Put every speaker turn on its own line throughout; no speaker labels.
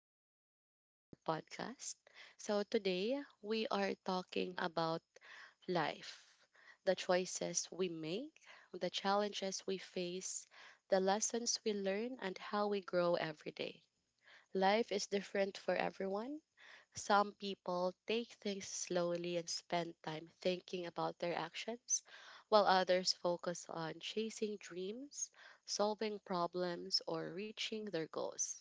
Welcome back to our podcast. So, today we are talking about life, the choices we make, the challenges we face, the lessons we learn, and how we grow every day. Life is different for everyone. Some people take things slowly and spend time thinking about their actions, while others focus on chasing dreams, solving problems, or reaching their goals.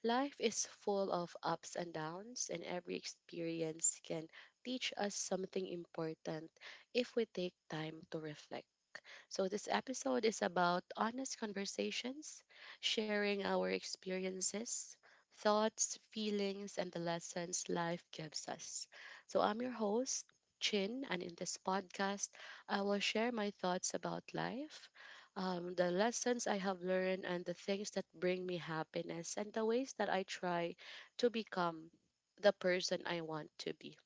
Life is full of ups and downs, and every experience can teach us something important if we take time to reflect. So, this episode is about honest conversations, sharing our experiences, thoughts, feelings, and the lessons life gives us. So, I'm your host, Chin, and in this podcast, I will share my thoughts about life, the lessons I have learned, and the things that bring me happiness, and the ways that I try to become the person I want to be.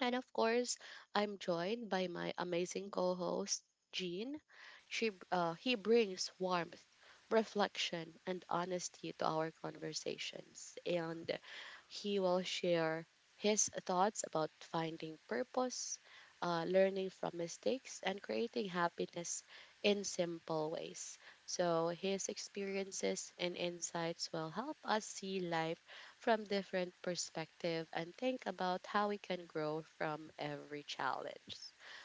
And of course, I'm joined by my amazing co-host, Jean. He brings warmth, reflection, and honesty to our conversations. And he will share his thoughts about finding purpose, learning from mistakes, and creating happiness in simple ways. So his experiences and insights will help us see life from different perspective and think about how we can grow from every challenge.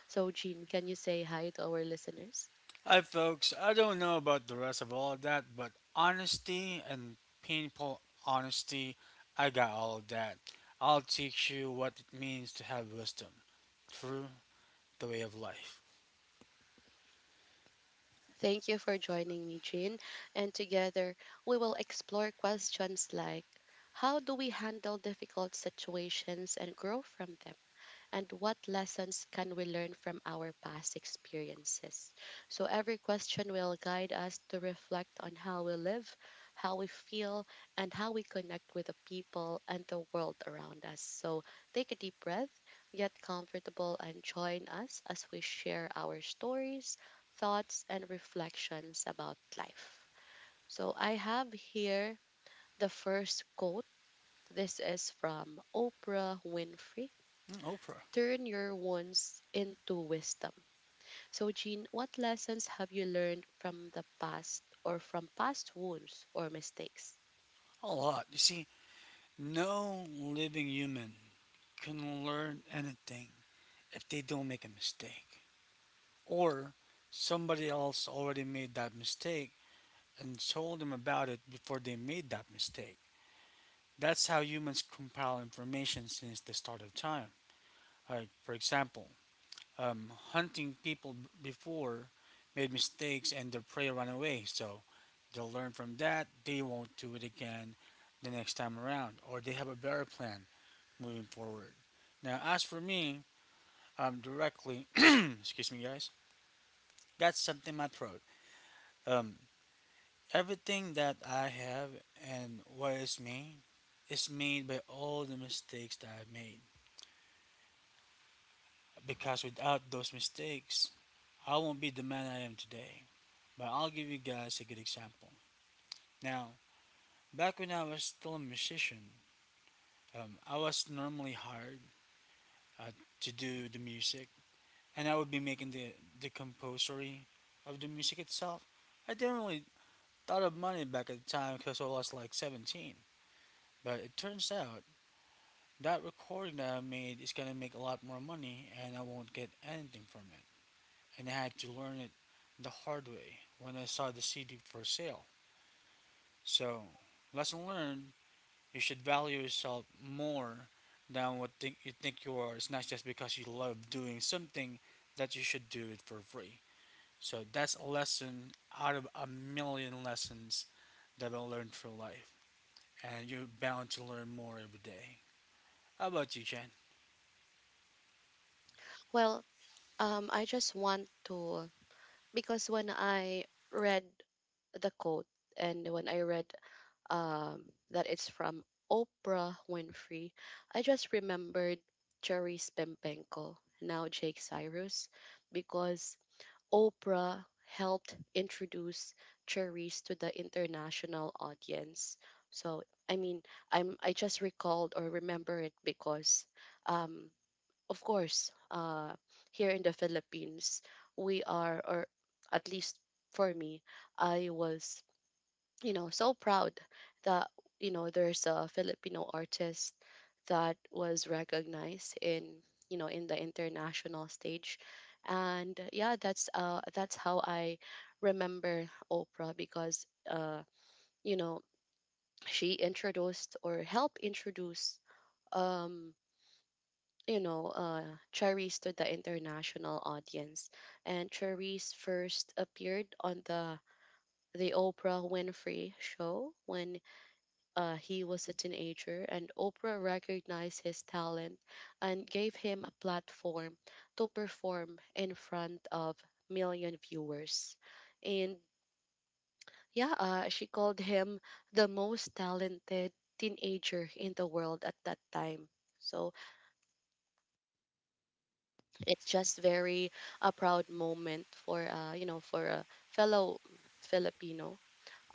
So, Jean, can you say hi to our listeners?
Hi, folks. I don't know about the rest of all of that, but honesty and painful honesty, I got all of that. I'll teach you what it means to have wisdom through the way of life.
Thank you for joining me, Jean. And together, we will explore questions like how do we handle difficult situations and grow from them? And what lessons can we learn from our past experiences? So, every question will guide us to reflect on how we live, how we feel, and how we connect with the people and the world around us. So, take a deep breath, get comfortable, and join us as we share our stories, thoughts, and reflections about life. So, I have here the first quote. This is from Oprah Winfrey.
Mm, Oprah.
Turn your wounds into wisdom. So, Jean, what lessons have you learned from the past or from past wounds or mistakes?
A lot. You see, no living human can learn anything if they don't make a mistake. Or somebody else already made that mistake and told them about it before they made that mistake. That's how humans compile information since the start of time. Like, for example, hunting people before made mistakes and their prey ran away, so they'll learn from that, they won't do it again the next time around, or they have a better plan moving forward. Now, as for me, directly, excuse me, guys, that's something my throat. Um, everything that I have and what is me is made by all the mistakes that I've made. Because without those mistakes, I won't be the man I am today. But I'll give you guys a good example. Now, back when I was still a musician, I was normally hired uh, to do the music, and I would be making the composery of the music itself. I didn't really thought of money back at the time because I was like 17. But it turns out that recording that I made is gonna make a lot more money, and I won't get anything from it, and I had to learn it the hard way when I saw the CD for sale. So, lesson learned, you should value yourself more than what think you are. It's not just because you love doing something that you should do it for free. So, that's a lesson out of a million lessons that I learned through life. And you're bound to learn more every day. How about you, Jen?
Well, I just want to, because when I read the quote and when I read that it's from Oprah Winfrey, I just remembered Cherry Spimpenko, now Jake Cyrus, because Oprah helped introduce Cherise to the international audience. So I mean, I just recalled or remember it because, um, of course, here in the Philippines, we are, or at least for me, I was so proud that there's a Filipino artist that was recognized in you know in the international stage, and yeah, that's how I remember Oprah, because you know she introduced or helped introduce um you know uh Cherries to the international audience, and Cherries first appeared on the Oprah Winfrey show when he was a teenager, and Oprah recognized his talent and gave him a platform to perform in front of million viewers. And yeah, she called him the most talented teenager in the world at that time. So it's just very a proud moment for for a fellow Filipino,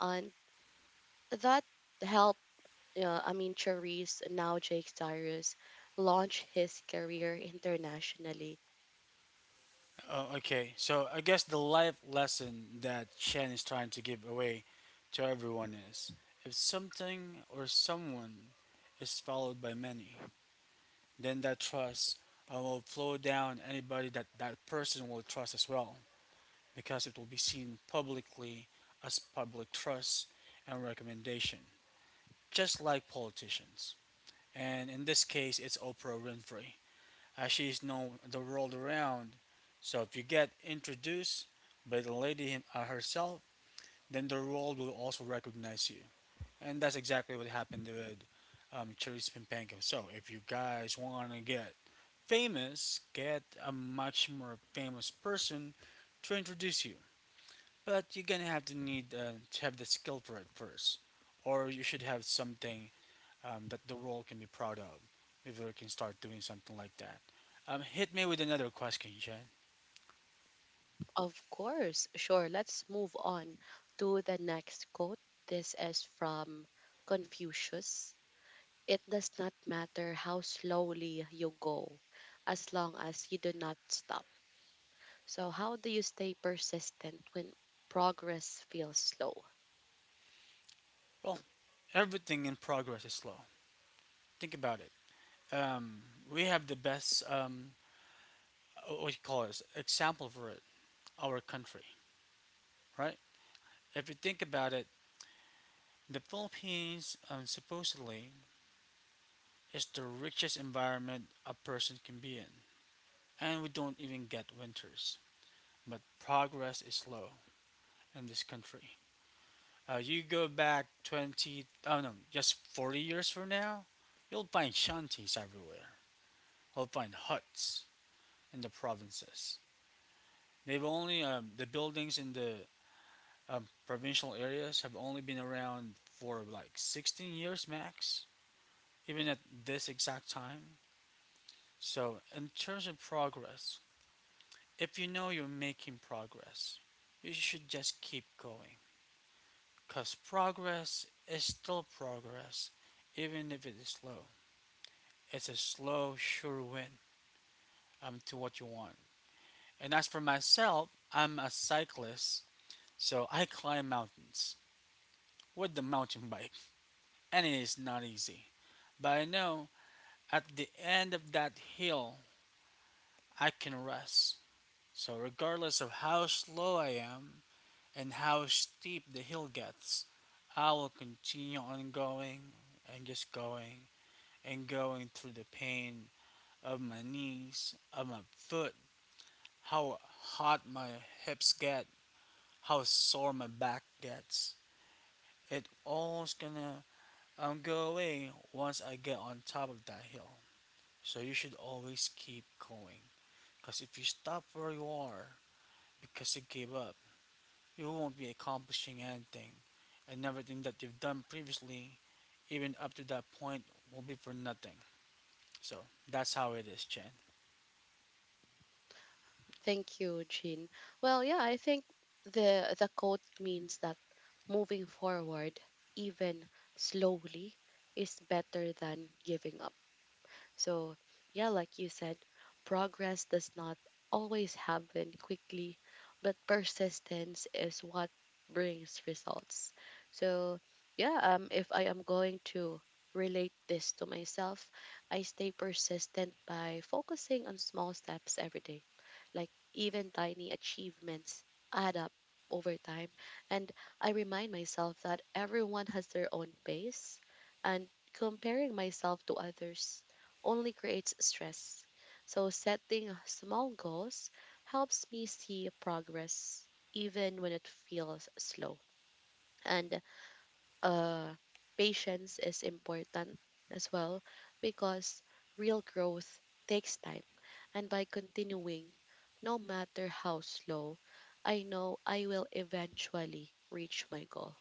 and that helped I mean, Charisse, now Jake Cyrus, launch his career internationally.
Oh, okay. So I guess the life lesson that Chen is trying to give away to everyone is, if something or someone is followed by many, then that trust will flow down anybody that that person will trust as well, because it will be seen publicly as public trust and recommendation, just like politicians. And in this case, it's Oprah Winfrey as she's known the world around. So if you get introduced by the lady herself, then the world will also recognize you. And that's exactly what happened with Charisse Pimpenko. So if you guys want to get famous, get a much more famous person to introduce you. But you're gonna have to need to have the skill for it first, or you should have something that the world can be proud of if we can start doing something like that. Hit me with another question, Jen.
Of course, sure. Let's move on to the next quote. This is from Confucius. It does not matter how slowly you go, as long as you do not stop. So, how do you stay persistent when progress feels slow?
Well, everything in progress is slow. Think about it. Um, we have the best, what do you call this, example for it, our country, right? If you think about it, the Philippines supposedly is the richest environment a person can be in, and we don't even get winters. But progress is slow in this country. You go back 20, oh no, just 40 years from now, you'll find shanties everywhere. You'll find huts in the provinces. They've only, the buildings in the provincial areas have only been around for like 16 years max, even at this exact time. So, in terms of progress, if you know you're making progress, you should just keep going. Because progress is still progress, even if it is slow. It's a slow, sure win to what you want. And as for myself, I'm a cyclist, so I climb mountains with the mountain bike, and it is not easy. But I know at the end of that hill, I can rest. So, regardless of how slow I am and how steep the hill gets, I will continue on going and just going and going through the pain of my knees, of my foot, how hot my hips get, how sore my back gets. It all's gonna go away once I get on top of that hill. So you should always keep going. Cause if you stop where you are because you gave up, you won't be accomplishing anything. And everything that you've done previously, even up to that point, will be for nothing. So that's how it is, Chen.
Thank you, Jean. Well, yeah, I think the quote means that moving forward, even slowly, is better than giving up. So, yeah, like you said, progress does not always happen quickly, but persistence is what brings results. So, yeah, if I am going to relate this to myself, I stay persistent by focusing on small steps every day. Like, even tiny achievements add up over time. And I remind myself that everyone has their own pace, and comparing myself to others only creates stress. So setting small goals helps me see progress even when it feels slow. And uh, patience is important as well, because real growth takes time. And by continuing, no matter how slow, I know I will eventually reach my goal.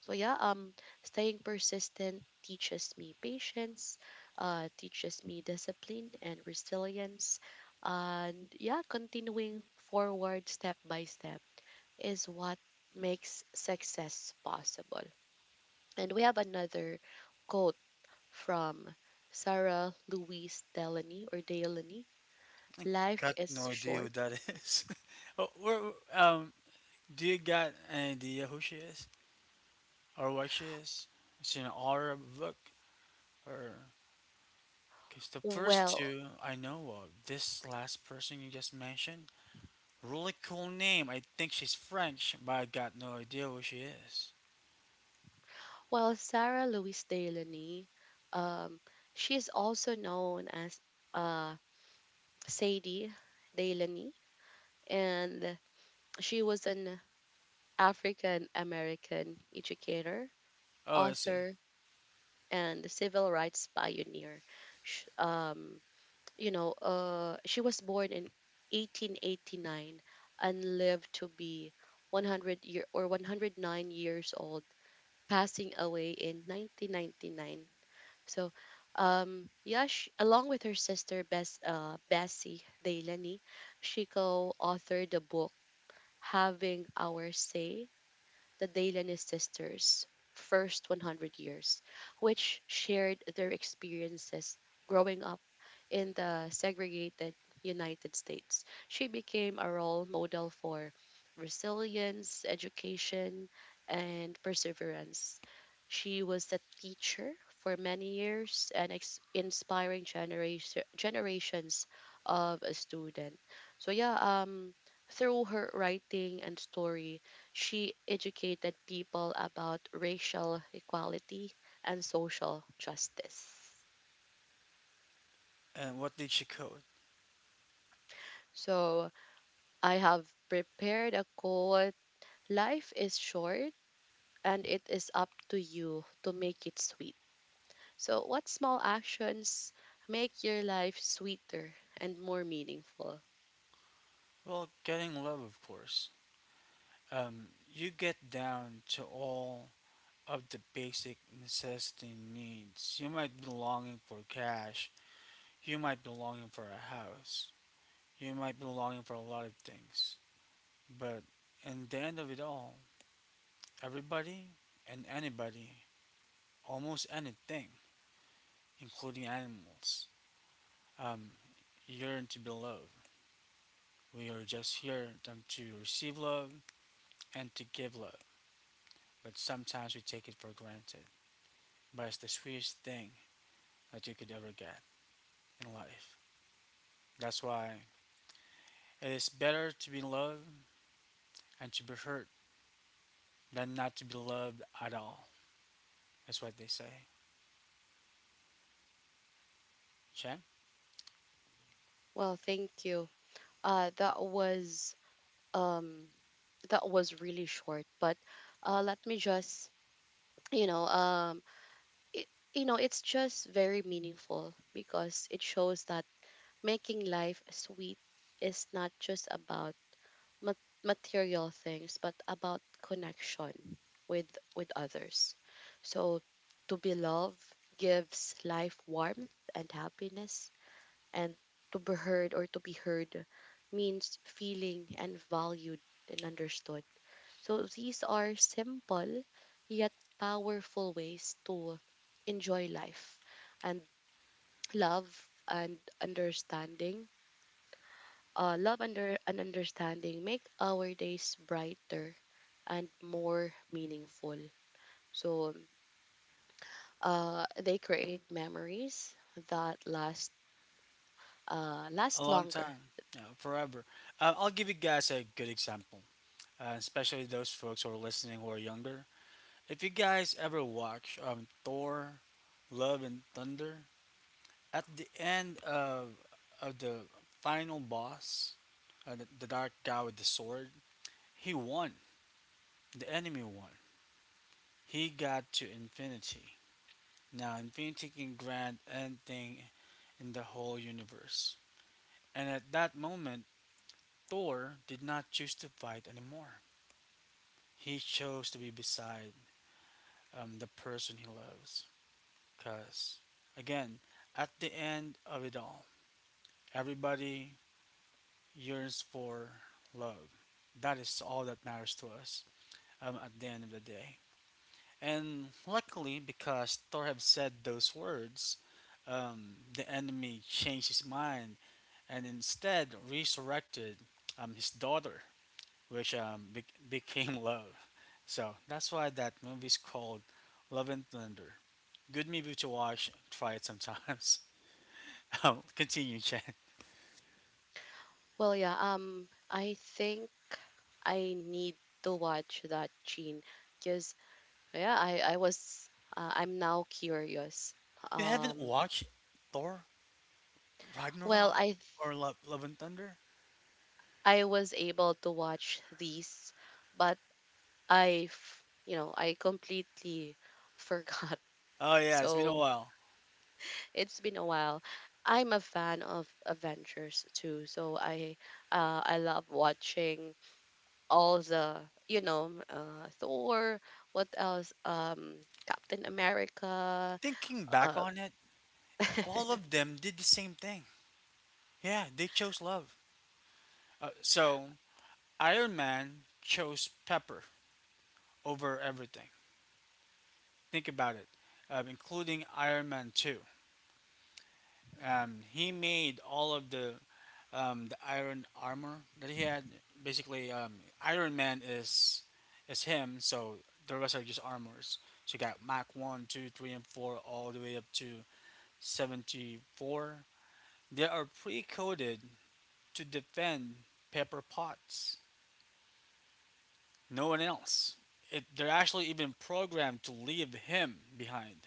So yeah, staying persistent teaches me patience, teaches me discipline and resilience, and yeah, continuing forward step by step is what makes success possible. And we have another quote from Sarah Louise Delany, or Delany.
I
Life
got
is
no idea who
short.
that is. Oh, where, um, do you got an idea who she is? Or watches. It's an order book, or because the first
Well,
two I know of. This last person you just mentioned, really cool name. I think she's French, but I got no idea who she is.
well, Sarah Louise Delany, um, she is also known as uh, Sadie Delaney, and she was an African American educator,
Oh, I see.
author, and civil rights pioneer. Sh um, she was born in 1889 and lived to be 100 year or 109 years old, passing away in 1999. So, yeah, she, along with her sister Bess, Bessie Delaney, she co-authored the book "Having Our Say: The Dalian Sisters' First 100 Years," which shared their experiences growing up in the segregated United States. She became a role model for resilience, education, and perseverance. She was a teacher for many years, and inspiring generations of a student. So yeah, through her writing and story, she educated people about racial equality and social justice.
And what did she code?
So I have prepared a quote: Life is short, and it is up to you to make it sweet. So, what small actions make your life sweeter and more meaningful?
Well, getting love, of course. You get down to all of the basic necessity needs. You might be longing for cash. You might be longing for a house. You might be longing for a lot of things. But in the end of it all, everybody and anybody, almost anything, including animals, um, yearn to be loved. We are just here them to receive love and to give love. But sometimes we take it for granted. But it's the sweetest thing that you could ever get in life. That's why it is better to be loved and to be hurt than not to be loved at all. That's what they say. Chang?
Well, thank you. Uh, that was um, that was really short, but let me just you know um it, it's just very meaningful, because it shows that making life sweet is not just about mat- material things, but about connection with others. So to be loved gives life warmth and happiness, and to be heard means feeling and valued and understood. So these are simple yet powerful ways to enjoy life, and love and understanding. Love under and understanding make our days brighter and more meaningful. So they create memories that last uh,
A
last
long
longer.
time, yeah, forever. I'll give you guys a good example, especially those folks who are listening who are younger. If you guys ever watch Thor, Love and Thunder, at the end of the final boss, the dark guy with the sword, he won. The enemy won. He got to infinity. Now, infinity can grant anything in the whole universe. And at that moment, Thor did not choose to fight anymore. He chose to be beside the person he loves. Because, again, at the end of it all, everybody yearns for love. That is all that matters to us at the end of the day. And luckily, because Thor had said those words, the enemy changed his mind and instead resurrected his daughter, which became love. So that's why that movie is called Love and Thunder. Good movie to watch. Try it sometimes. Continue, Chen.
Well, yeah. I think I need to watch that, Gene, because, yeah, I'm now curious.
You haven't
Um
watched Thor
well,
Ragnarok
I th-
or Love and Thunder?
I was able to watch these, but I f- you know, I completely forgot.
Oh yeah, it's been a
So,
while.
it's been a while. I'm a fan of Avengers too, so I love watching all the, Thor, what else? Captain America.
Thinking back
Uh,
on it, all of them did the same thing. Yeah, they chose love. So Iron Man chose Pepper over everything. Think about it, including Iron Man Two. He made all of the iron armor that he had. Basically, Iron Man is him, so the rest are just armors. So you got Mach One, 2, 3, and 4, all the way up to 74. They are pre coded to defend Pepper Potts. No one else. It, they're actually even programmed to leave him behind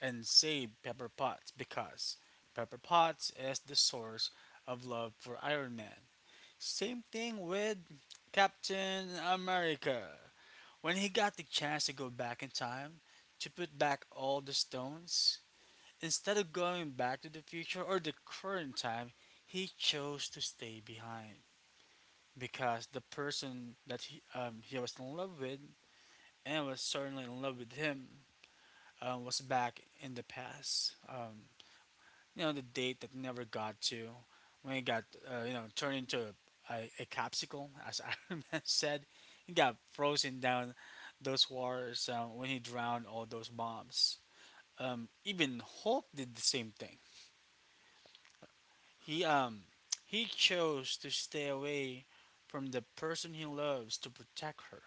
and save Pepper Potts because Pepper Potts is the source of love for Iron Man. Same thing with Captain America. When he got the chance to go back in time to put back all the stones, instead of going back to the future or the current time, he chose to stay behind because the person that he was in love with and was certainly in love with him was back in the past. You know the date that never got to when it got you know turned into a, a capsicle as Iron Man said, he got frozen down those waters when he drowned all those bombs, even Hulk did the same thing. He he chose to stay away from the person he loves to protect her.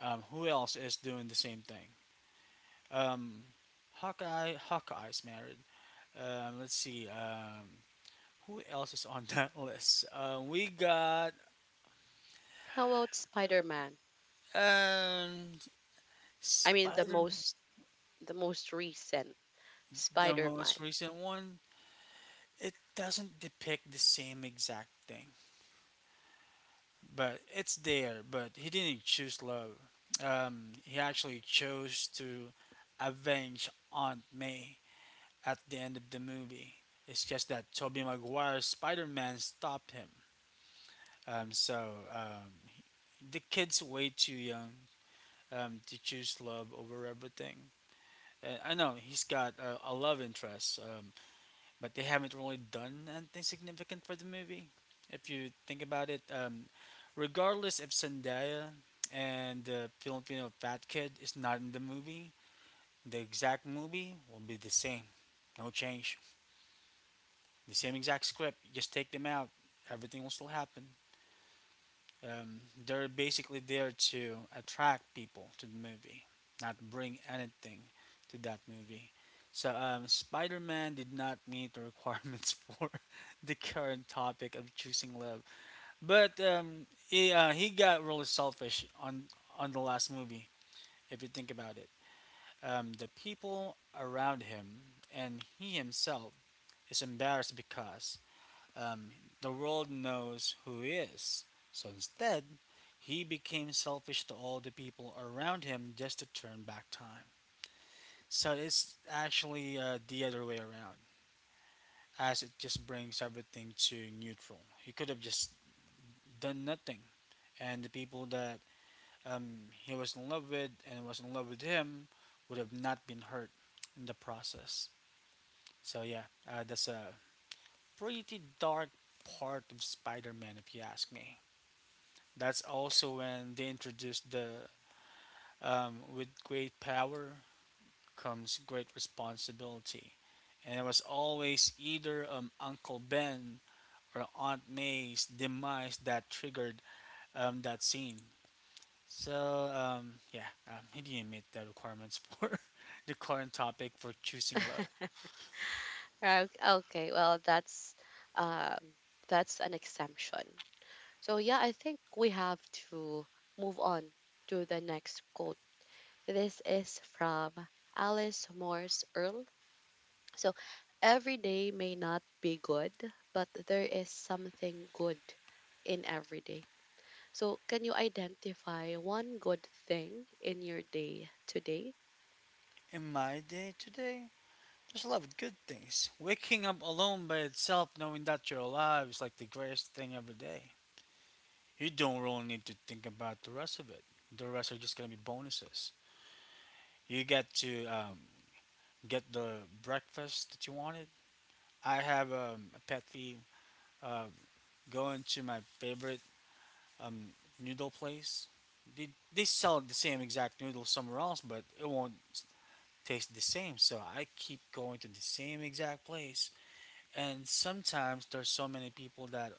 Who else is doing the same thing? Um, Hawkeye's married. Um, let's see, who else is on that list? We got
how about Spider-Man?
um,
I mean, the
Spider,
most the most recent
the most
Spider-Man.
recent one. It doesn't depict the same exact thing, but it's there. But he didn't choose love. He actually chose to avenge Aunt May at the end of the movie. It's just that Tobey Maguire's Spider Man stopped him. So the kid's way too young to choose love over everything. I know he's got a love interest, but they haven't really done anything significant for the movie. If you think about it, regardless if Zendaya and the Filipino fat kid is not in the movie, the exact movie will be the same. No change. The same exact script. Just take them out. Everything will still happen. Um, they're basically there to attract people to the movie, not bring anything to that movie. So, Spider Man did not meet the requirements for the current topic of choosing love, but he got really selfish on the last movie, if you think about it. The people around him and he himself is embarrassed because um, the world knows who he is. So instead, he became selfish to all the people around him just to turn back time. So it's actually the other way around, as it just brings everything to neutral. He could have just done nothing, and the people that he was in love with and was in love with him would have not been hurt in the process. So yeah, that's a pretty dark part of Spider-Man, if you ask me. That's also when they introduced the with great power comes great responsibility. And it was always either Uncle Ben or Aunt May's demise that triggered that scene. So, yeah, he didn't meet the requirements for the current topic for choosing love.
Right, okay, well that's um that's an exemption. So yeah, I think we have to move on to the next quote. This is from Alice Morse Earl. So every day may not be good, but there is something good in every day. So can you identify one good thing in your day today?
In my day today, there's a lot of good things. Waking up alone by itself, knowing that you're alive, is like the greatest thing every day. You don't really need to think about the rest of it. The rest are just gonna be bonuses. You get to get the breakfast that you wanted. I have a pet peeve uh, going to my favorite um, noodle place. They sell the same exact noodle somewhere else, but it won't taste the same. So I keep going to the same exact place, and sometimes there's so many people that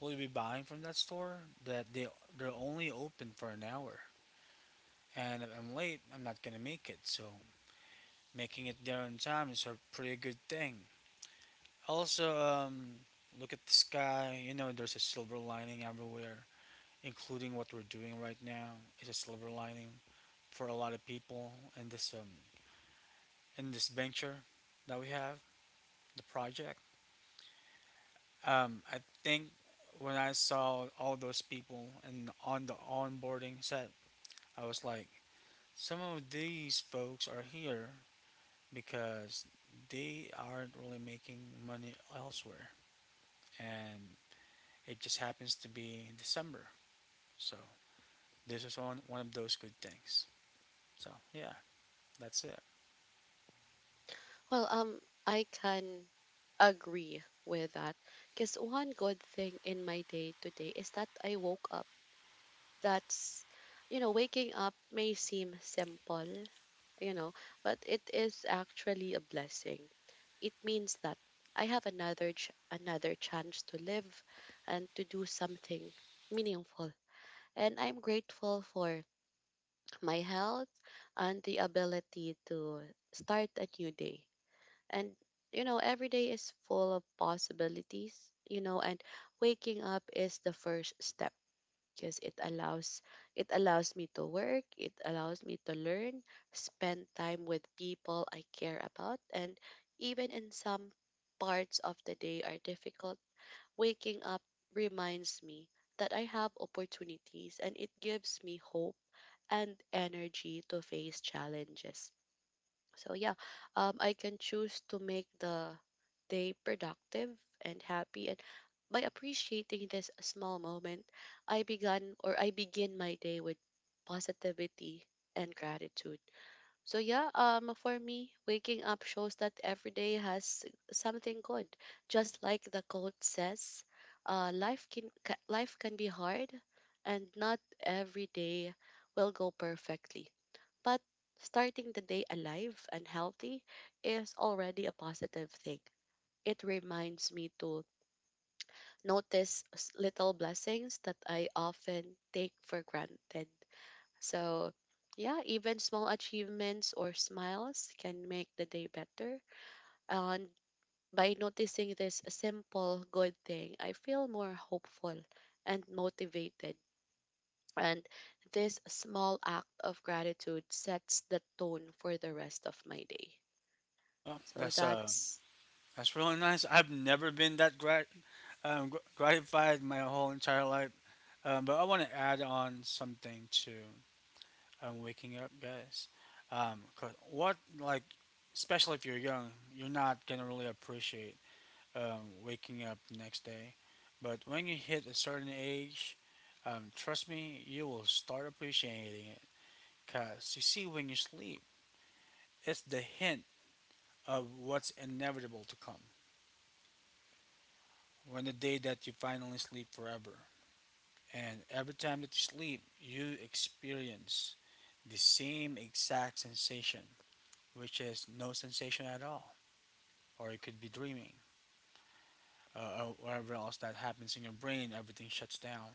will be buying from that store that they're only open for an hour, and if I'm late, I'm not gonna make it. So making it there on time is a pretty good thing. Also, look at the sky. You know, there's a silver lining everywhere, including what we're doing right now. It's a silver lining for a lot of people in this venture that we have, the project. I think when I saw all those people and on the onboarding set, I was like, some of these folks are here because they aren't really making money elsewhere, and it just happens to be in December. So this is one of those good things. So yeah, that's it.
Well, I can agree with that. Because one good thing in my day today is that I woke up. That's, Waking up may seem simple, you know, but it is actually a blessing. It means that I have another chance to live and to do something meaningful. And I'm grateful for my health and the ability to start a new day, and, every day is full of possibilities, and waking up is the first step, because it allows me to work, it allows me to learn, spend time with people I care about, and even in some parts of the day are difficult, waking up reminds me that I have opportunities and it gives me hope and energy to face challenges. So yeah, I can choose to make the day productive and happy. And by appreciating this small moment, I began or I begin my day with positivity and gratitude. So yeah, for me, waking up shows that every day has something good. Just like the quote says, life can be hard, and not every day will go perfectly. But starting the day alive and healthy is already a positive thing. It reminds me to notice little blessings that I often take for granted. So, yeah, even small achievements or smiles can make the day better. And by noticing this simple good thing, I feel more hopeful and motivated. And this small act of gratitude sets the tone for the rest of my day.
Oh,
So
that's uh
that's,
that's really nice. I've never been that gratified my whole entire life. But I want to add on something to waking up, guys. 'Cause what like, especially if you're young, you're not gonna really appreciate waking up the next day. But when you hit a certain age, trust me, you will start appreciating it. Because you see, when you sleep, it's the hint of what's inevitable to come. When the day that you finally sleep forever. And every time that you sleep, you experience the same exact sensation, which is no sensation at all. Or you could be dreaming. Or whatever else that happens in your brain, everything shuts down.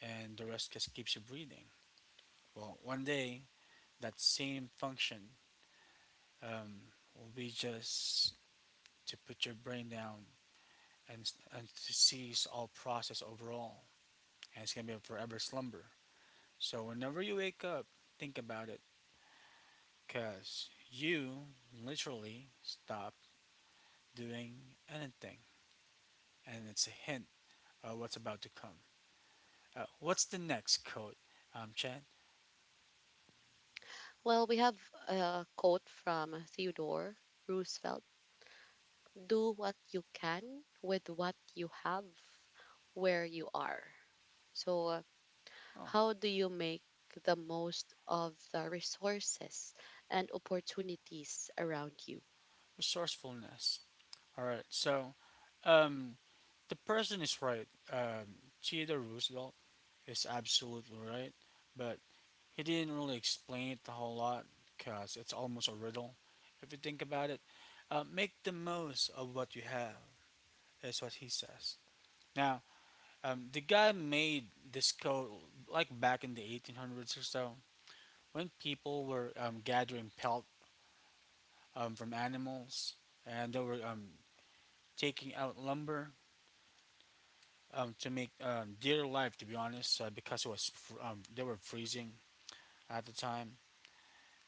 And the rest just keeps you breathing. Well, one day that same function will be just to put your brain down and, and to cease all process overall. And it's gonna be a forever slumber. So whenever you wake up, think about it, cause you literally stop doing anything, and it's a hint of what's about to come. What's the next code, Chad?
well, we have a quote from Theodore Roosevelt. Do what you can with what you have where you are. So,
Oh,
how do you make the most of the resources and opportunities around you?
resourcefulness. All right, so um, the person is right. Theodore Roosevelt is absolutely right, but he didn't really explain it a whole lot because it's almost a riddle if you think about it. Make the most of what you have is what he says. Now, the guy made this code like back in the 1800s or so, when people were gathering pelt from animals, and they were taking out lumber to make dear life, to be honest, because it was they were freezing at the time,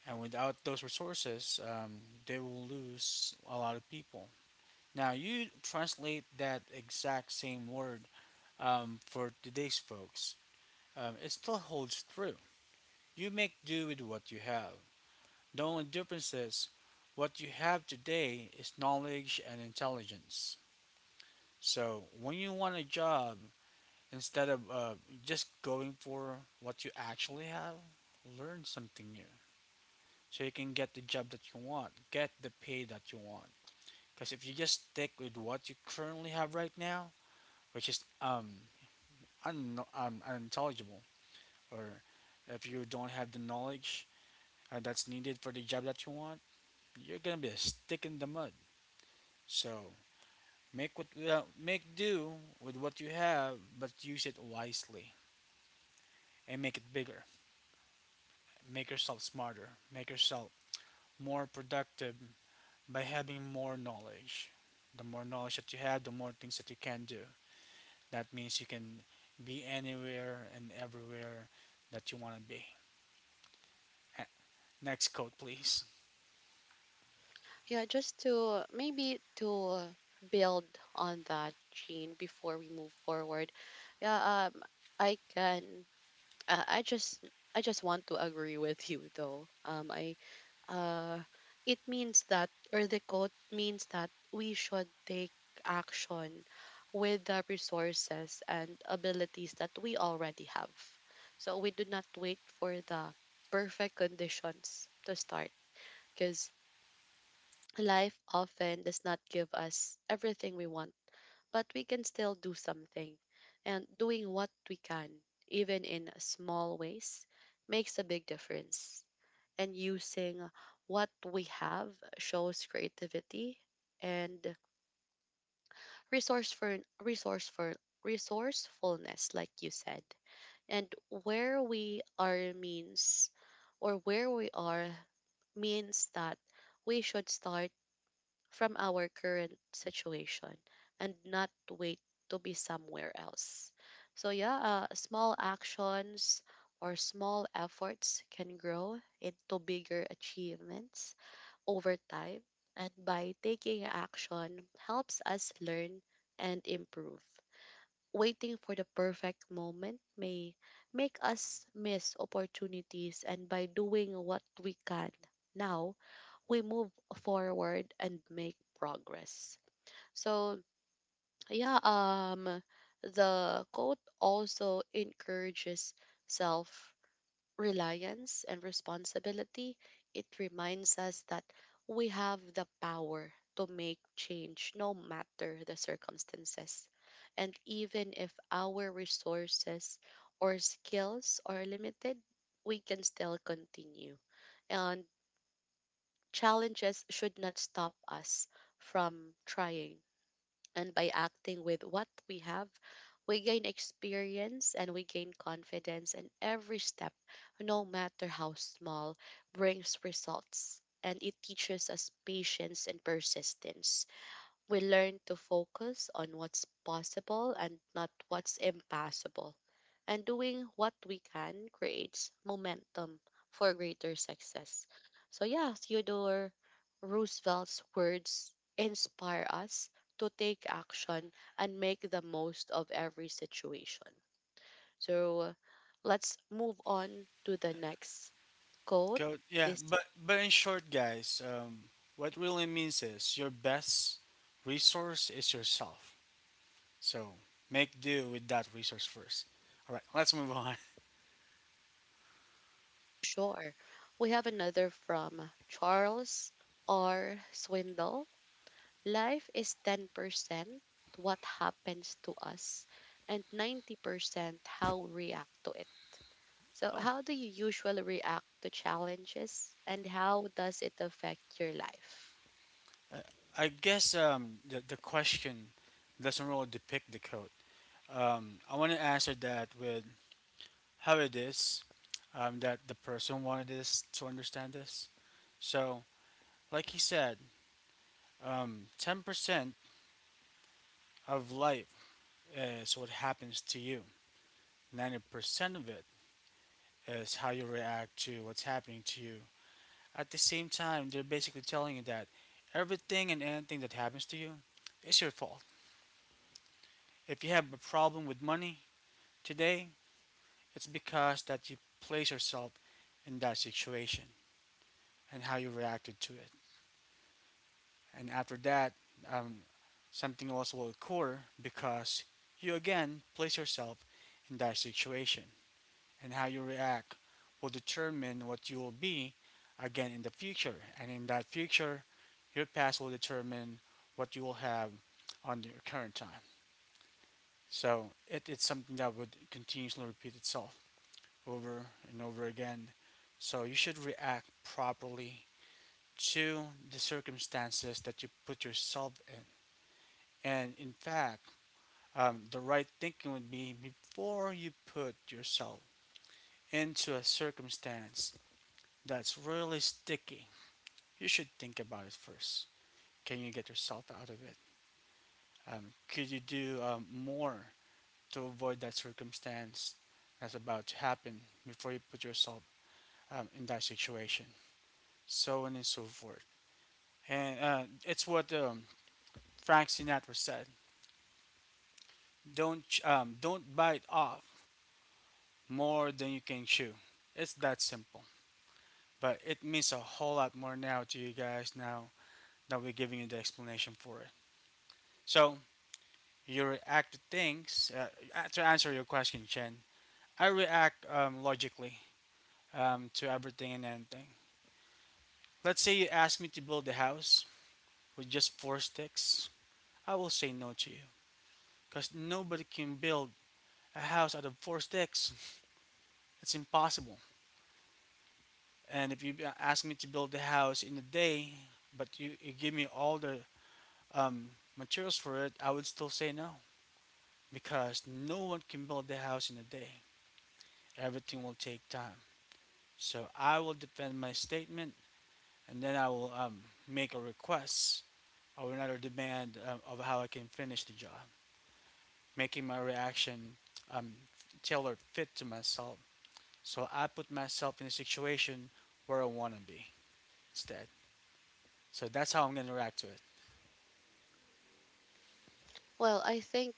and without those resources, they will lose a lot of people. Now you translate that exact same word for today's folks. It still holds true. You make do with what you have. The only difference is what you have today is knowledge and intelligence. So when you want a job, instead of just going for what you actually have, learn something new so you can get the job that you want, get the pay that you want. Because if you just stick with what you currently have right now, which is unintelligible, or if you don't have the knowledge that's needed for the job that you want, you're gonna be a stick in the mud. So make do with what you have, but use it wisely and make it bigger. Make yourself smarter, make yourself more productive by having more knowledge. The more knowledge that you have, the more things that you can do. That means you can be anywhere and everywhere that you want to be. Eh, next code, please.
Yeah, just to build on that, Gene, before we move forward. Yeah, I can uh, I just I just want to agree with you though. I uh, it means that, or the quote means that we should take action with the resources and abilities that we already have. So we do not wait for the perfect conditions to start because life often does not give us everything we want, but we can still do something. And doing what we can, even in small ways, makes a big difference. And using what we have shows creativity and resourceful, resourceful, resourcefulness, like you said. And where we are means, where we are means that we should start from our current situation and not wait to be somewhere else. So, yeah, small actions or small efforts can grow into bigger achievements over time. And by taking action helps us learn and improve. Waiting for the perfect moment may make us miss opportunities, and by doing what we can now, we move forward and make progress. So yeah, the quote also encourages self reliance and responsibility. It reminds us that we have the power to make change no matter the circumstances. And even if our resources or skills are limited, we can still continue. And challenges should not stop us from trying. And by acting with what we have, we gain experience and we gain confidence. And every step, no matter how small, brings results. And it teaches us patience and persistence. We learn to focus on what's possible and not what's impossible. And doing what we can creates momentum for greater success. So, yeah, Theodore Roosevelt's words inspire us to take action and make the most of every situation. So, let's move on to the next quote.
Code, yeah,
This,
but in short, guys, what really means is your best resource is yourself. So make do with that resource first. All right, let's move on.
sure. We have another from Charles R. Swindle. Life is 10% what happens to us and 90% how we react to it. So,
Oh,
how do you usually react to challenges and how does it affect your life?
Uh, I guess the question doesn't really depict the code. I want to answer that with how it is that the person wanted us to understand this. So, like he said, 10% of life is what happens to you, 90% of it is how you react to what's happening to you. At the same time, they're basically telling you that everything and anything that happens to you is your fault. If you have a problem with money today, it's because that you place yourself in that situation and how you reacted to it. And after that, um, something else will occur because you again place yourself in that situation. And how you react will determine what you will be again in the future. And in that future, your past will determine what you will have on your current time. So it's something that would continuously repeat itself over and over again. So you should react properly to the circumstances that you put yourself in. And in fact, the right thinking would be before you put yourself into a circumstance that's really sticky, you should think about it first. Can you get yourself out of it? Could you do more to avoid that circumstance that's about to happen before you put yourself in that situation? So on and so forth. And it's what Frank Sinatra said: "Don't don't bite off more than you can chew." It's that simple, but it means a whole lot more now to you guys now that we're giving you the explanation for it. So you react to things. To answer your question, Chen, I react logically to everything and anything. Let's say you ask me to build a house with just four sticks. I will say no to you because nobody can build a house out of four sticks. It's impossible. And if you ask me to build a house in a day, but you give me all the um, materials for it, I would still say no because no one can build a house in a day. Everything will take time. So I will defend my statement, and then I will make a request or another demand of how I can finish the job, making my reaction um, tailored fit to myself. So I put myself in a situation where I want to be instead. So that's how I'm going to react to it.
Well, I think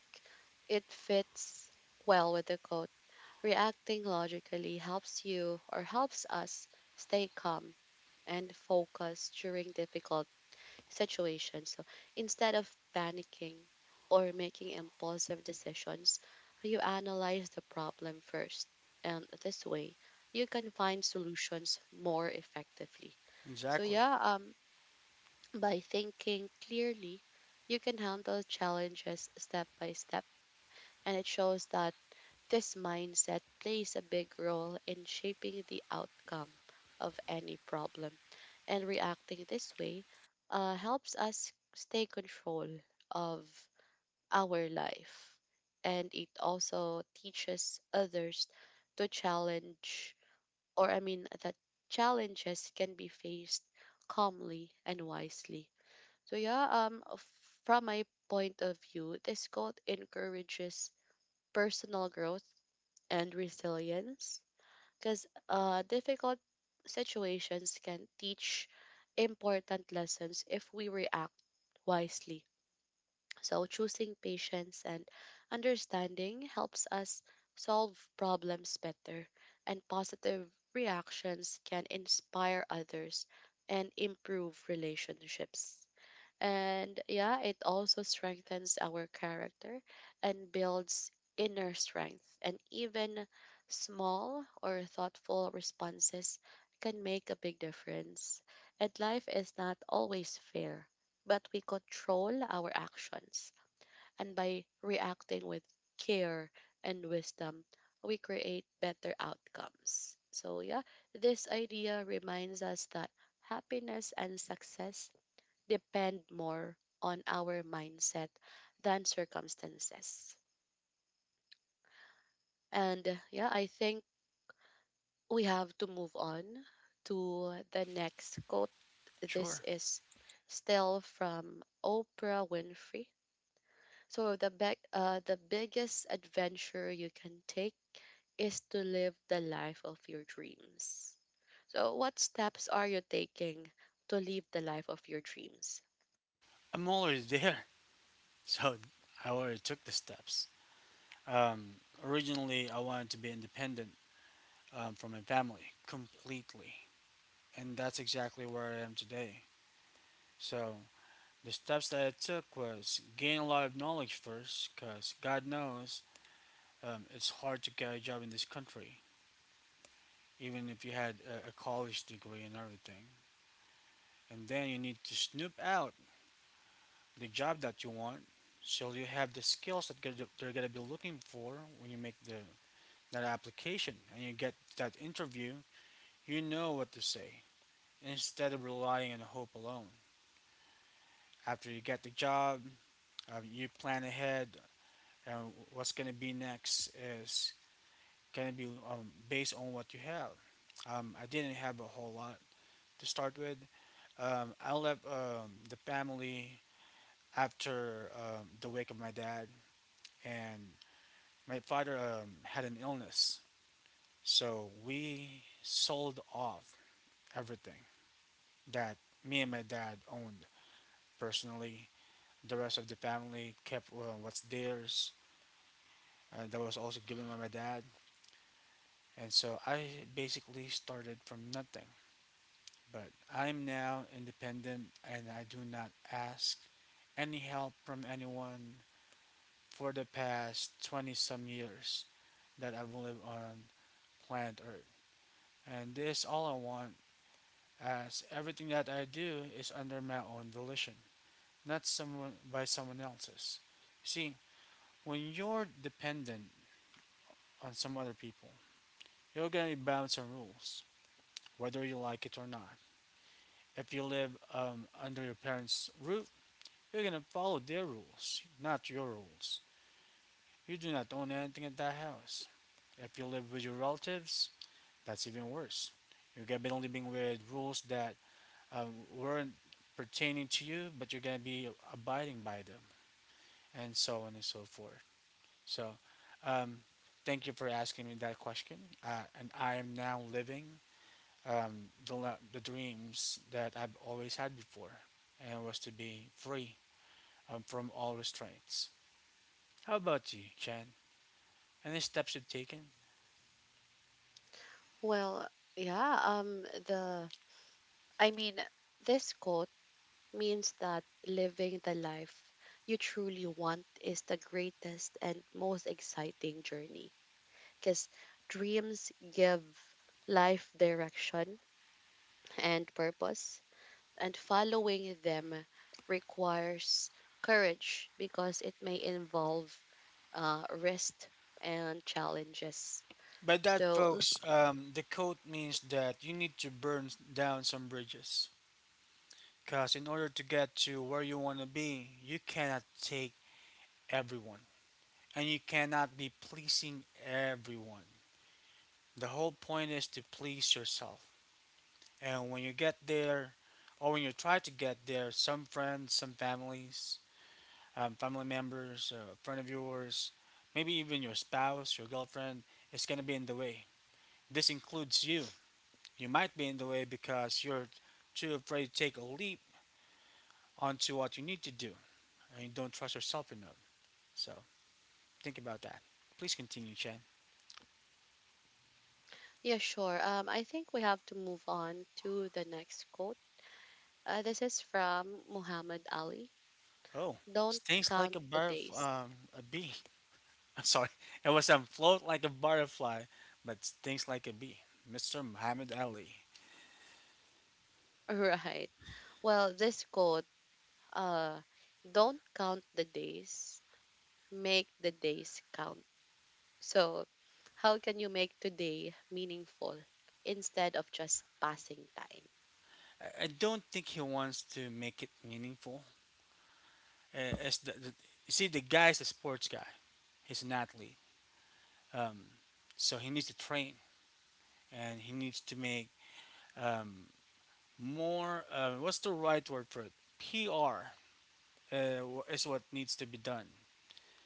it fits well with the quote. Reacting logically helps you or helps us stay calm and focused during difficult situation. So instead of panicking or making impulsive decisions, you analyze the problem first. And this way, you can find solutions more effectively. So,
Exactly.
yeah, by thinking clearly, you can handle challenges step by step. And it shows that this mindset plays a big role in shaping the outcome of any problem, and reacting this way helps us stay control of our life. And it also teaches others to challenge, or I mean, that challenges can be faced calmly and wisely. So yeah, from my point of view, this quote encourages personal growth and resilience because difficult situations can teach important lessons if we react wisely. So, choosing patience and understanding helps us solve problems better, and positive reactions can inspire others and improve relationships. And yeah, it also strengthens our character and builds inner strength. And even small or thoughtful responses can make a big difference. And life is not always fair, but we control our actions. And by reacting with care and wisdom, we create better outcomes. So, yeah, this idea reminds us that happiness and success depend more on our mindset than circumstances. And yeah, I think we have to move on to the next quote. This
Sure.
is still from Oprah Winfrey. So the the biggest adventure you can take is to live the life of your dreams. So what steps are you taking to live the life of your dreams?
I'm already there. So I already took the steps. Um, originally, I wanted to be independent from my family completely. And that's exactly where I am today. So the steps that I took was gain a lot of knowledge first, because God knows it's hard to get a job in this country, even if you had a college degree and everything. And then you need to snoop out the job that you want, so you have the skills that they're gonna be looking for when you make the that application and you get that interview. You know what to say instead of relying on hope alone. After you get the job, you plan ahead, and what's gonna be next is gonna be based on what you have. I didn't have a whole lot to start with. I left the family after the wake of my dad, and my father had an illness, so we sold off everything that me and my dad owned personally. The rest of the family kept what's theirs. That was also given by my dad, and so I basically started from nothing. But I'm now independent, and I do not ask any help from anyone for the past 20 some years that I've lived on planet Earth. And this all I want as everything that I do is under my own volition, not someone by someone else's. See, when you're dependent on some other people, you're gonna be bound some rules, whether you like it or not. If you live under your parents' roof, you're gonna follow their rules, not your rules. You do not own anything at that house. If you live with your relatives, that's even worse. You're gonna be living with rules that weren't pertaining to you, but you're gonna be abiding by them. And so on and so forth. So, um, Thank you for asking me that question. And I am now living the dreams that I've always had before, and was to be free from all restraints. How about you, Chen? Any steps you've taken?
Well, yeah, the I mean, this quote means that living the life you truly want is the greatest and most exciting journey because dreams give life direction and purpose, and following them requires courage because it may involve risk and challenges.
By that,
So, l-
folks, the quote means that you need to burn down some bridges. Because in order to get to where you want to be, you cannot take everyone. And you cannot be pleasing everyone. The whole point is to please yourself. And when you get there, or when you try to get there, some friends, some families, family members, a friend of yours, maybe even your spouse, your girlfriend, is going to be in the way. This includes you. You might be in the way because you're too afraid to take a leap onto what you need to do and you don't trust yourself enough. So think about that. Please continue, Chen.
yeah, sure. I think we have to move on to the next quote. This is from Muhammad Ali.
Oh,
Don't
stings like
count
a
the
bar of
days.
a bee. Sorry, it was float like a butterfly, but stings like a bee. Mr. Muhammad Ali.
Right. Well, this quote, uh, don't count the days, make the days count. So, how can you make today meaningful instead of just passing time?
I don't think he wants to make it meaningful. Uh, as the, the, you see, the guy's a sports guy. He's an athlete, um, so he needs to train and he needs to make um, more. What's the right word for it? PR is what needs to be done.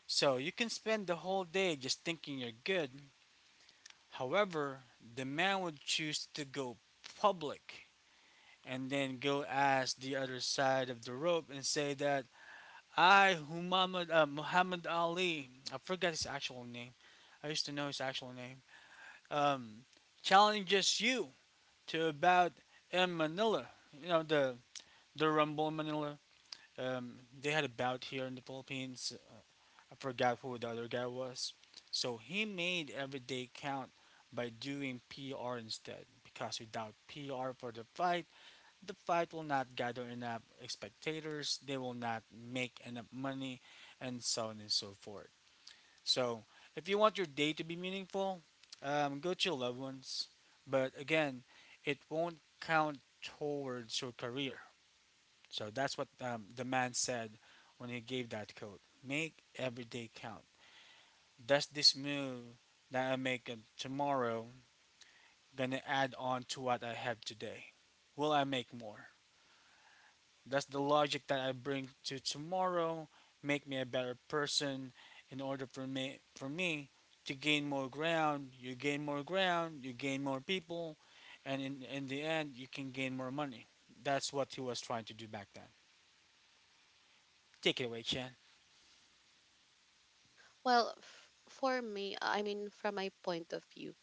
So you can spend the whole day just thinking you're good. However, the man would choose to go public and then go ask the other side of the rope and say that I, Muhammad Ali, I forgot his actual name. I used to know his actual name. Um, Challenges you to a bout in Manila. You know the Rumble in Manila. They had a bout here in the Philippines. I forgot who the other guy was. So he made every day count by doing PR instead, because without PR for the fight will not gather enough spectators, they will not make enough money, and so on and so forth. So, if you want your day to be meaningful, go to your loved ones. But again, it won't count towards your career. So, that's what the man said when he gave that quote: make every day count. Does this move that I make tomorrow gonna add on to what I have today? Will I make more? Does the logic that I bring to tomorrow make me a better person in order for me to gain more ground, you gain more ground, you gain more people, and in the end you can gain more money. That's what he was trying to do back then. Take it away, Chan.
Well, for me, I mean, from my point of view,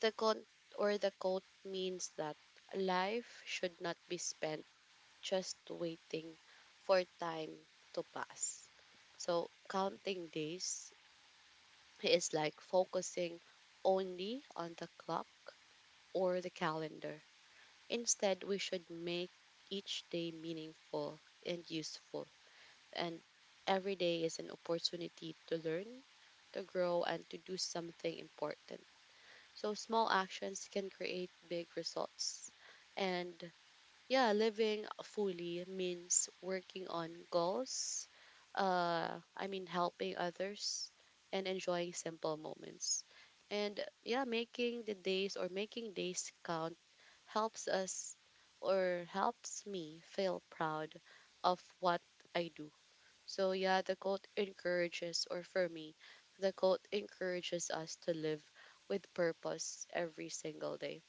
the quote the quote means that life should not be spent just waiting for time to pass. So, counting days is like focusing only on the clock or the calendar. Instead, we should make each day meaningful and useful. And every day is an opportunity to learn, to grow, and to do something important. So, small actions can create big results. And yeah, living fully means working on goals, I mean, helping others and enjoying simple moments. And yeah, making the days or making days count helps us or helps me feel proud of what I do. So yeah, the quote encourages, or for me, the quote encourages us to live with purpose every single day.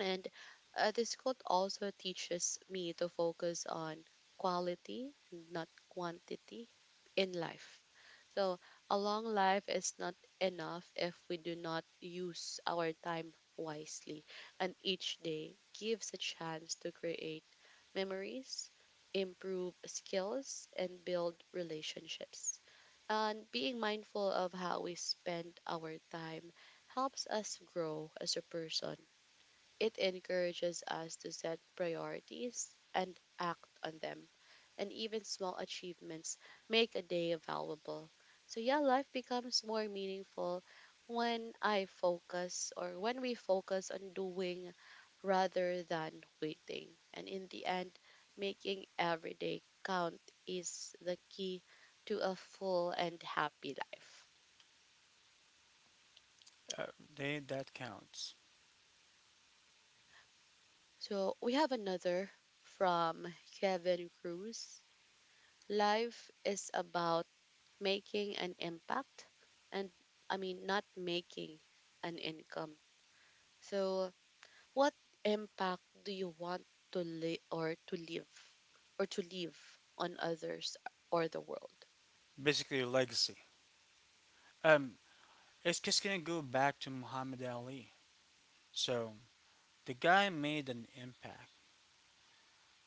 And this quote also teaches me to focus on quality and not quantity in life. So, a long life is not enough if we do not use our time wisely, and each day gives a chance to create memories, improve skills, and build relationships. And being mindful of how we spend our time helps us grow as a person. It encourages us to set priorities and act on them. And even small achievements make a day valuable. So, yeah, life becomes more meaningful when I focus or when we focus on doing rather than waiting. And in the end, making every day count is the key to a full and happy life.
Uh, that counts.
So, we have another from Kevin Cruz. Life is about making an impact and I mean not making an income. So what impact do you want to live or to leave on others or the world?
Basically a legacy. Um, it's just gonna go back to Muhammad Ali. So the guy made an impact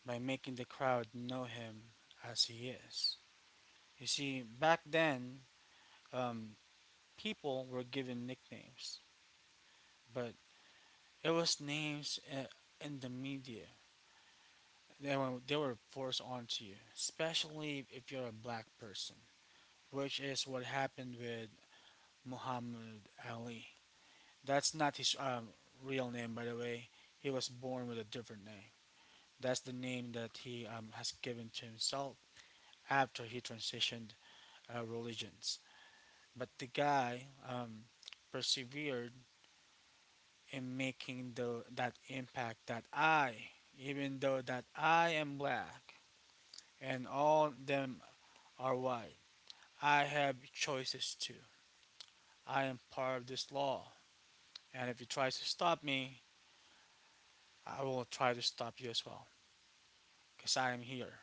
by making the crowd know him as he is. You see, back then, um, people were given nicknames, but it was in the media. They were forced onto you, especially if you're a black person, which is what happened with Muhammad Ali. That's not his real name, by the way. He was born with a different name. That's the name that he has given to himself after he transitioned religions. But the guy um, persevered in making the that impact that I, even though that I am black and all them are white, I have choices too. I am part of this law, and if you try to stop me, I will try to stop you as well, cause I am here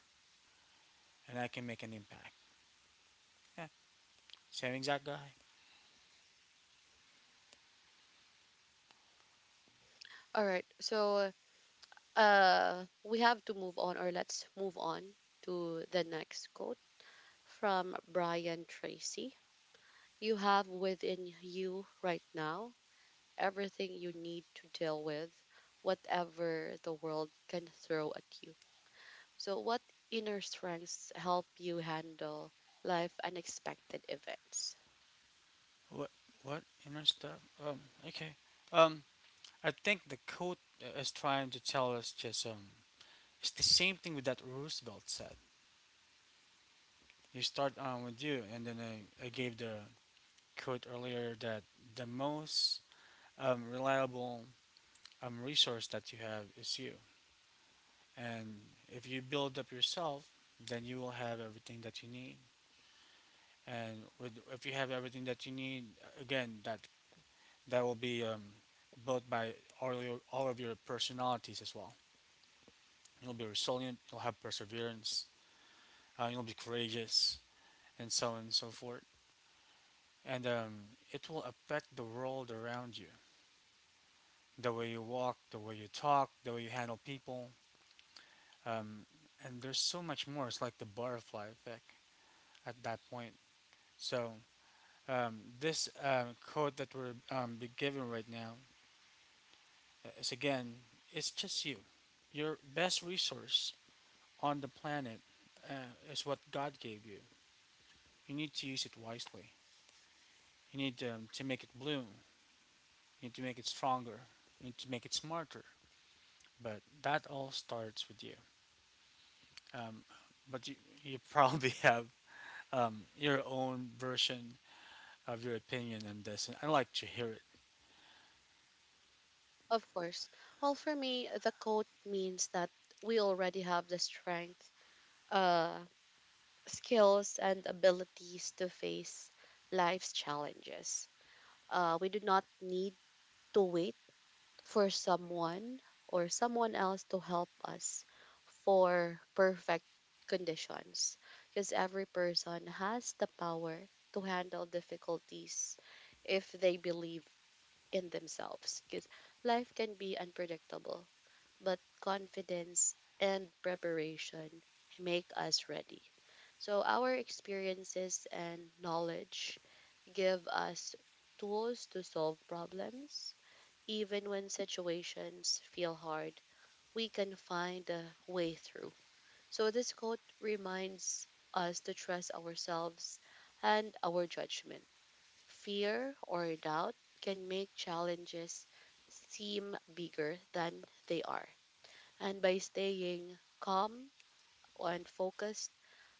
and I can make an impact. Yeah, same exact guy.
All right. So we have to move on or let's move on to the next quote from Brian Tracy. You have within you right now everything you need to deal with whatever the world can throw at you. So, what inner strengths help you handle life unexpected events?
What? What inner stuff? Um, okay. Um, I think the quote is trying to tell us just it's the same thing with that Roosevelt said. You start on with you, and then I gave the quote earlier that the most reliable resource that you have is you. And if you build up yourself, then you will have everything that you need. If you have everything that you need, again, that will be built by all of your personalities as well. You'll be resilient. You'll have perseverance. You'll be courageous, and so on and so forth. And it will affect the world around you, the way you walk, the way you talk, the way you handle people. Um, and there's so much more. It's like the butterfly effect at that point. So this code that we're be given right now is, again, it's just you. Your best resource on the planet is what God gave you. You need to use it wisely. You need to make it bloom. You need to make it stronger. You need to make it smarter. But that all starts with you. um, but you probably have your own version of your opinion on this, and I'd like to hear it.
Of course, well, for me, the code means that we already have the strength, uh, skills, and abilities to face life's challenges. We do not need to wait for someone else to help us for perfect conditions because every person has the power to handle difficulties if they believe in themselves, because life can be unpredictable but confidence and preparation make us ready. So our experiences and knowledge give us tools to solve problems. Even when situations feel hard, we can find a way through. So, this quote reminds us to trust ourselves and our judgment. Fear or doubt can make challenges seem bigger than they are. And by staying calm and focused,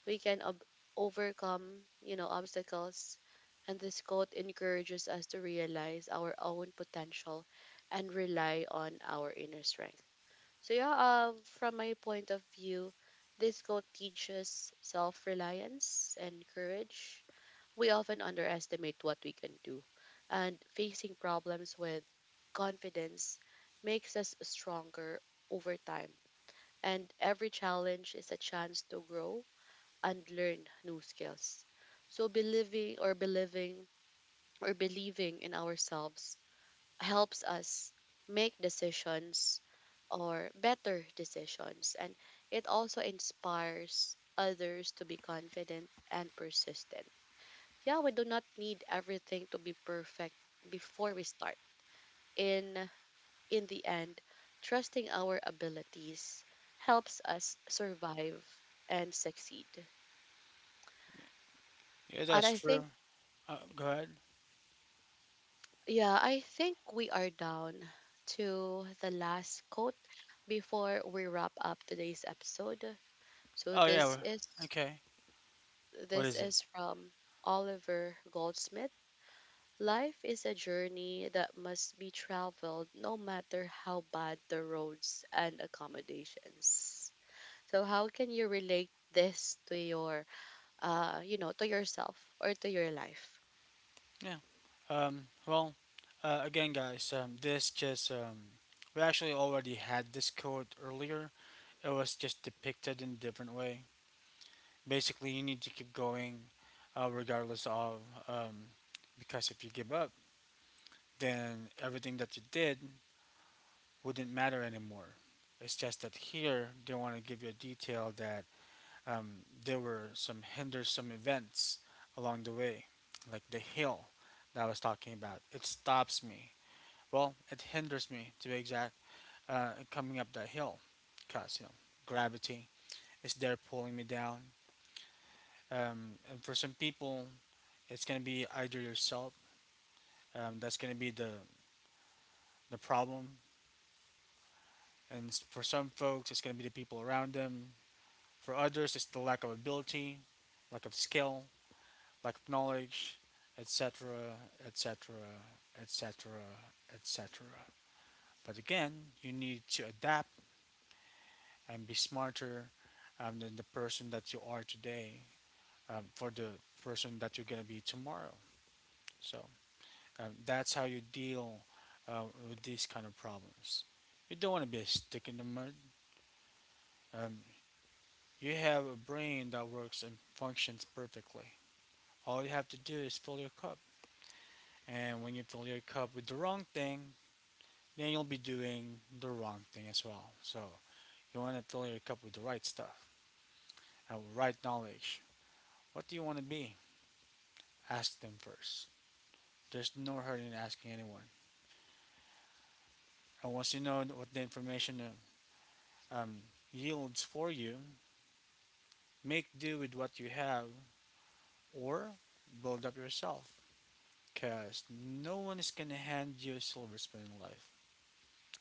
we can overcome, you know, obstacles. And this quote encourages us to realize our own potential and rely on our inner strength. So yeah, from my point of view, this quote teaches self-reliance and courage. We often underestimate what we can do, and facing problems with confidence makes us stronger over time. And every challenge is a chance to grow and learn new skills. So believing in ourselves helps us make decisions or better decisions, and it also inspires others to be confident and persistent. Yeah, we do not need everything to be perfect before we start. In in the end, trusting our abilities helps us survive and succeed.
Yeah,
And
that's
I
true.
think
Go ahead.
Yeah, I think we are down to the last quote before we wrap up today's episode. So
Oh yeah.
this
Well,
is
okay. What
this
is it?
is from Oliver Goldsmith. Life is a journey that must be traveled no matter how bad the roads and accommodations. So how can you relate this to your you know, to yourself or to your life?
Yeah. Um, well, Again, guys, this just we actually already had this code earlier. It was just depicted in a different way. Basically, you need to keep going, regardless of um, because if you give up, then everything that you did wouldn't matter anymore. It's just that here they want to give you a detail that there were some hindersome events along the way, like the hill that I was talking about. It stops me. Well, it hinders me to be exact, coming up that hill, cause you know gravity is there pulling me down. And for some people, it's gonna be either yourself. That's gonna be the problem. And for some folks, it's gonna be the people around them. For others, it's the lack of ability, lack of skill, lack of knowledge, etc., etc., etc., etc. But again, you need to adapt and be smarter than the person that you are today for the person that you're going to be tomorrow. So that's how you deal with these kind of problems. You don't want to be a stick in the mud. Um, you have a brain that works and functions perfectly. All you have to do is fill your cup. And when you fill your cup with the wrong thing, then you'll be doing the wrong thing as well. So you want to fill your cup with the right stuff and right knowledge. What do you want to be? Ask them first. There's no hurt in asking anyone. And once you know what the information uh, um, yields for you, make do with what you have or build up yourself, because no one is going to hand you a silver spoon in life.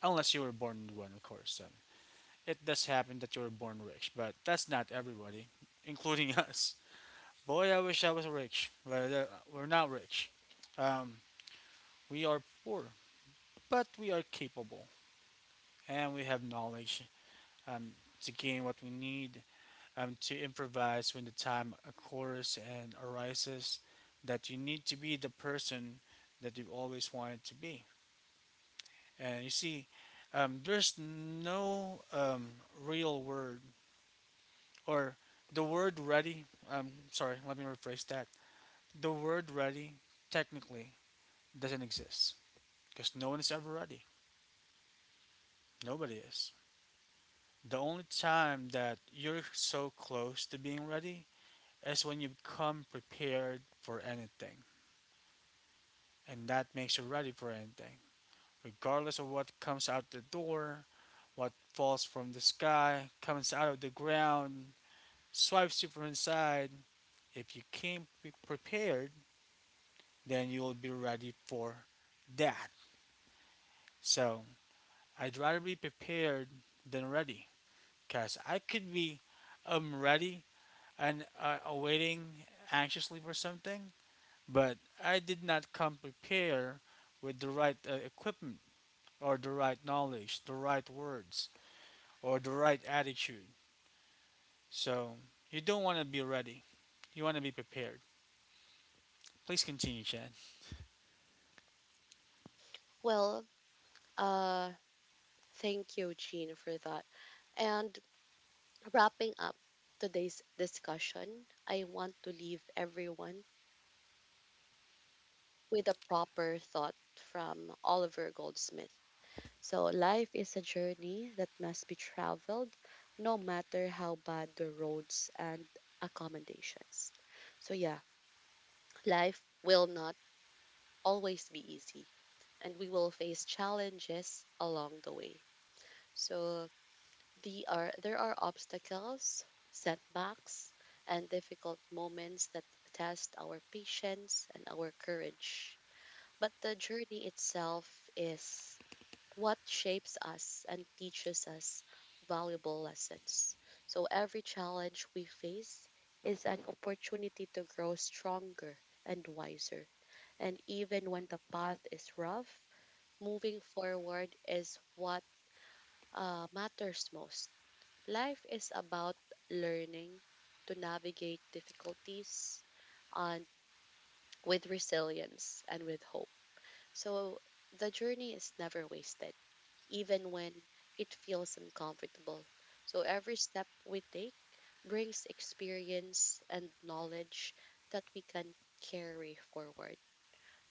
Unless you were born with one, of course. Then. It does happen that you're born rich, but that's not everybody, including us. Boy, I wish I was rich, but we're not rich. Um, we are poor, but we are capable, and we have knowledge um, to gain what we need to improvise when the time occurs and arises. That you need to be the person that you've always wanted to be. And you see, there's no real word or the word ready, sorry, let me rephrase that. The word ready technically doesn't exist because no one is ever ready. Nobody is. The only time that you're so close to being ready is when you become prepared for anything. And that makes you ready for anything. Regardless of what comes out the door, what falls from the sky, comes out of the ground, swipes you from inside. If you came prepared, then you will be ready for that. So I'd rather be prepared than ready because I could be ready and awaiting anxiously for something, but I did not come prepared with the right equipment or the right knowledge, the right words, or the right attitude. So you don't want to be ready. You want to be prepared. Please continue, Chad.
Well, uh thank you Jean for that. And wrapping up today's discussion, I want to leave everyone with a proper thought from Oliver Goldsmith. So, life is a journey that must be traveled no matter how bad the roads and accommodations. So, yeah, life will not always be easy and we will face challenges along the way. So, there are obstacles, setbacks, and difficult moments that test our patience and our courage. But the journey itself is what shapes us and teaches us valuable lessons. So every challenge we face is an opportunity to grow stronger and wiser. And even when the path is rough, moving forward is what matters most. Life is about learning to navigate difficulties and with resilience and with hope. So the journey is never wasted, even when it feels uncomfortable. So every step we take brings experience and knowledge that we can carry forward.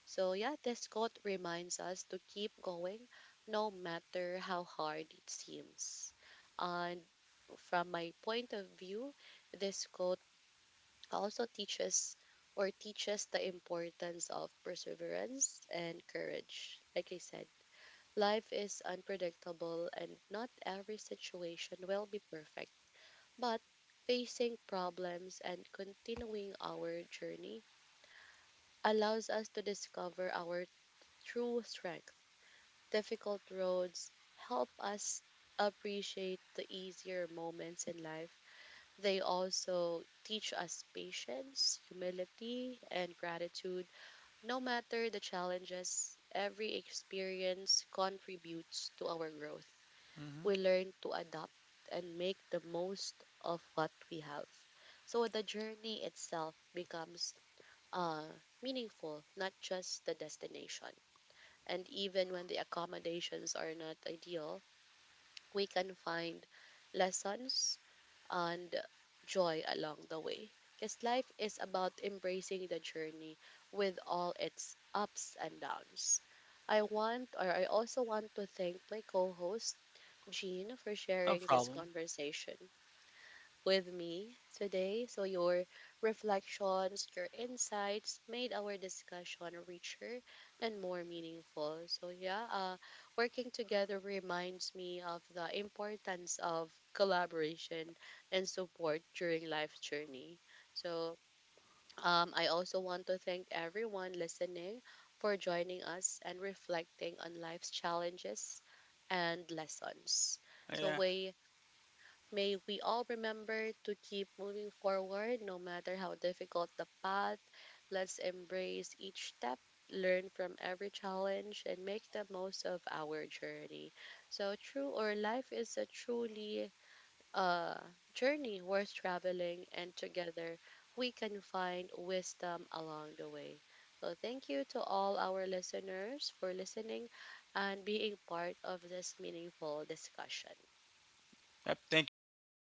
So, yeah, this quote reminds us to keep going no matter how hard it seems. And from my point of view, this quote also teaches the importance of perseverance and courage. Like I said, life is unpredictable and not every situation will be perfect. But facing problems and continuing our journey allows us to discover our true strength. Difficult roads help us appreciate the easier moments in life. They also teach us patience, humility, and gratitude. No matter the challenges, every experience contributes to our growth.
Hmm.
We learn to adapt and make the most of what we have. So the journey itself becomes uh, meaningful, not just the destination. And even when the accommodations are not ideal, we can find lessons and joy along the way. Because life is about embracing the journey with all its ups and downs. I also want to thank my co host, Jean, for
No
sharing this
problem.
conversation with me today. So, your reflections, your insights made our discussion richer and more meaningful. So, yeah, working together reminds me of the importance of collaboration and support during life's journey. So, I also want to thank everyone listening for joining us and reflecting on life's challenges and lessons. So
Yeah.
we May we all remember to keep moving forward no matter how difficult the path. Let's embrace each step, learn from every challenge, and make the most of our journey. So, true or life is a truly uh, journey worth traveling, and together we can find wisdom along the way. So, thank you to all our listeners for listening and being part of this meaningful discussion.
Yep. Thank you, everyone.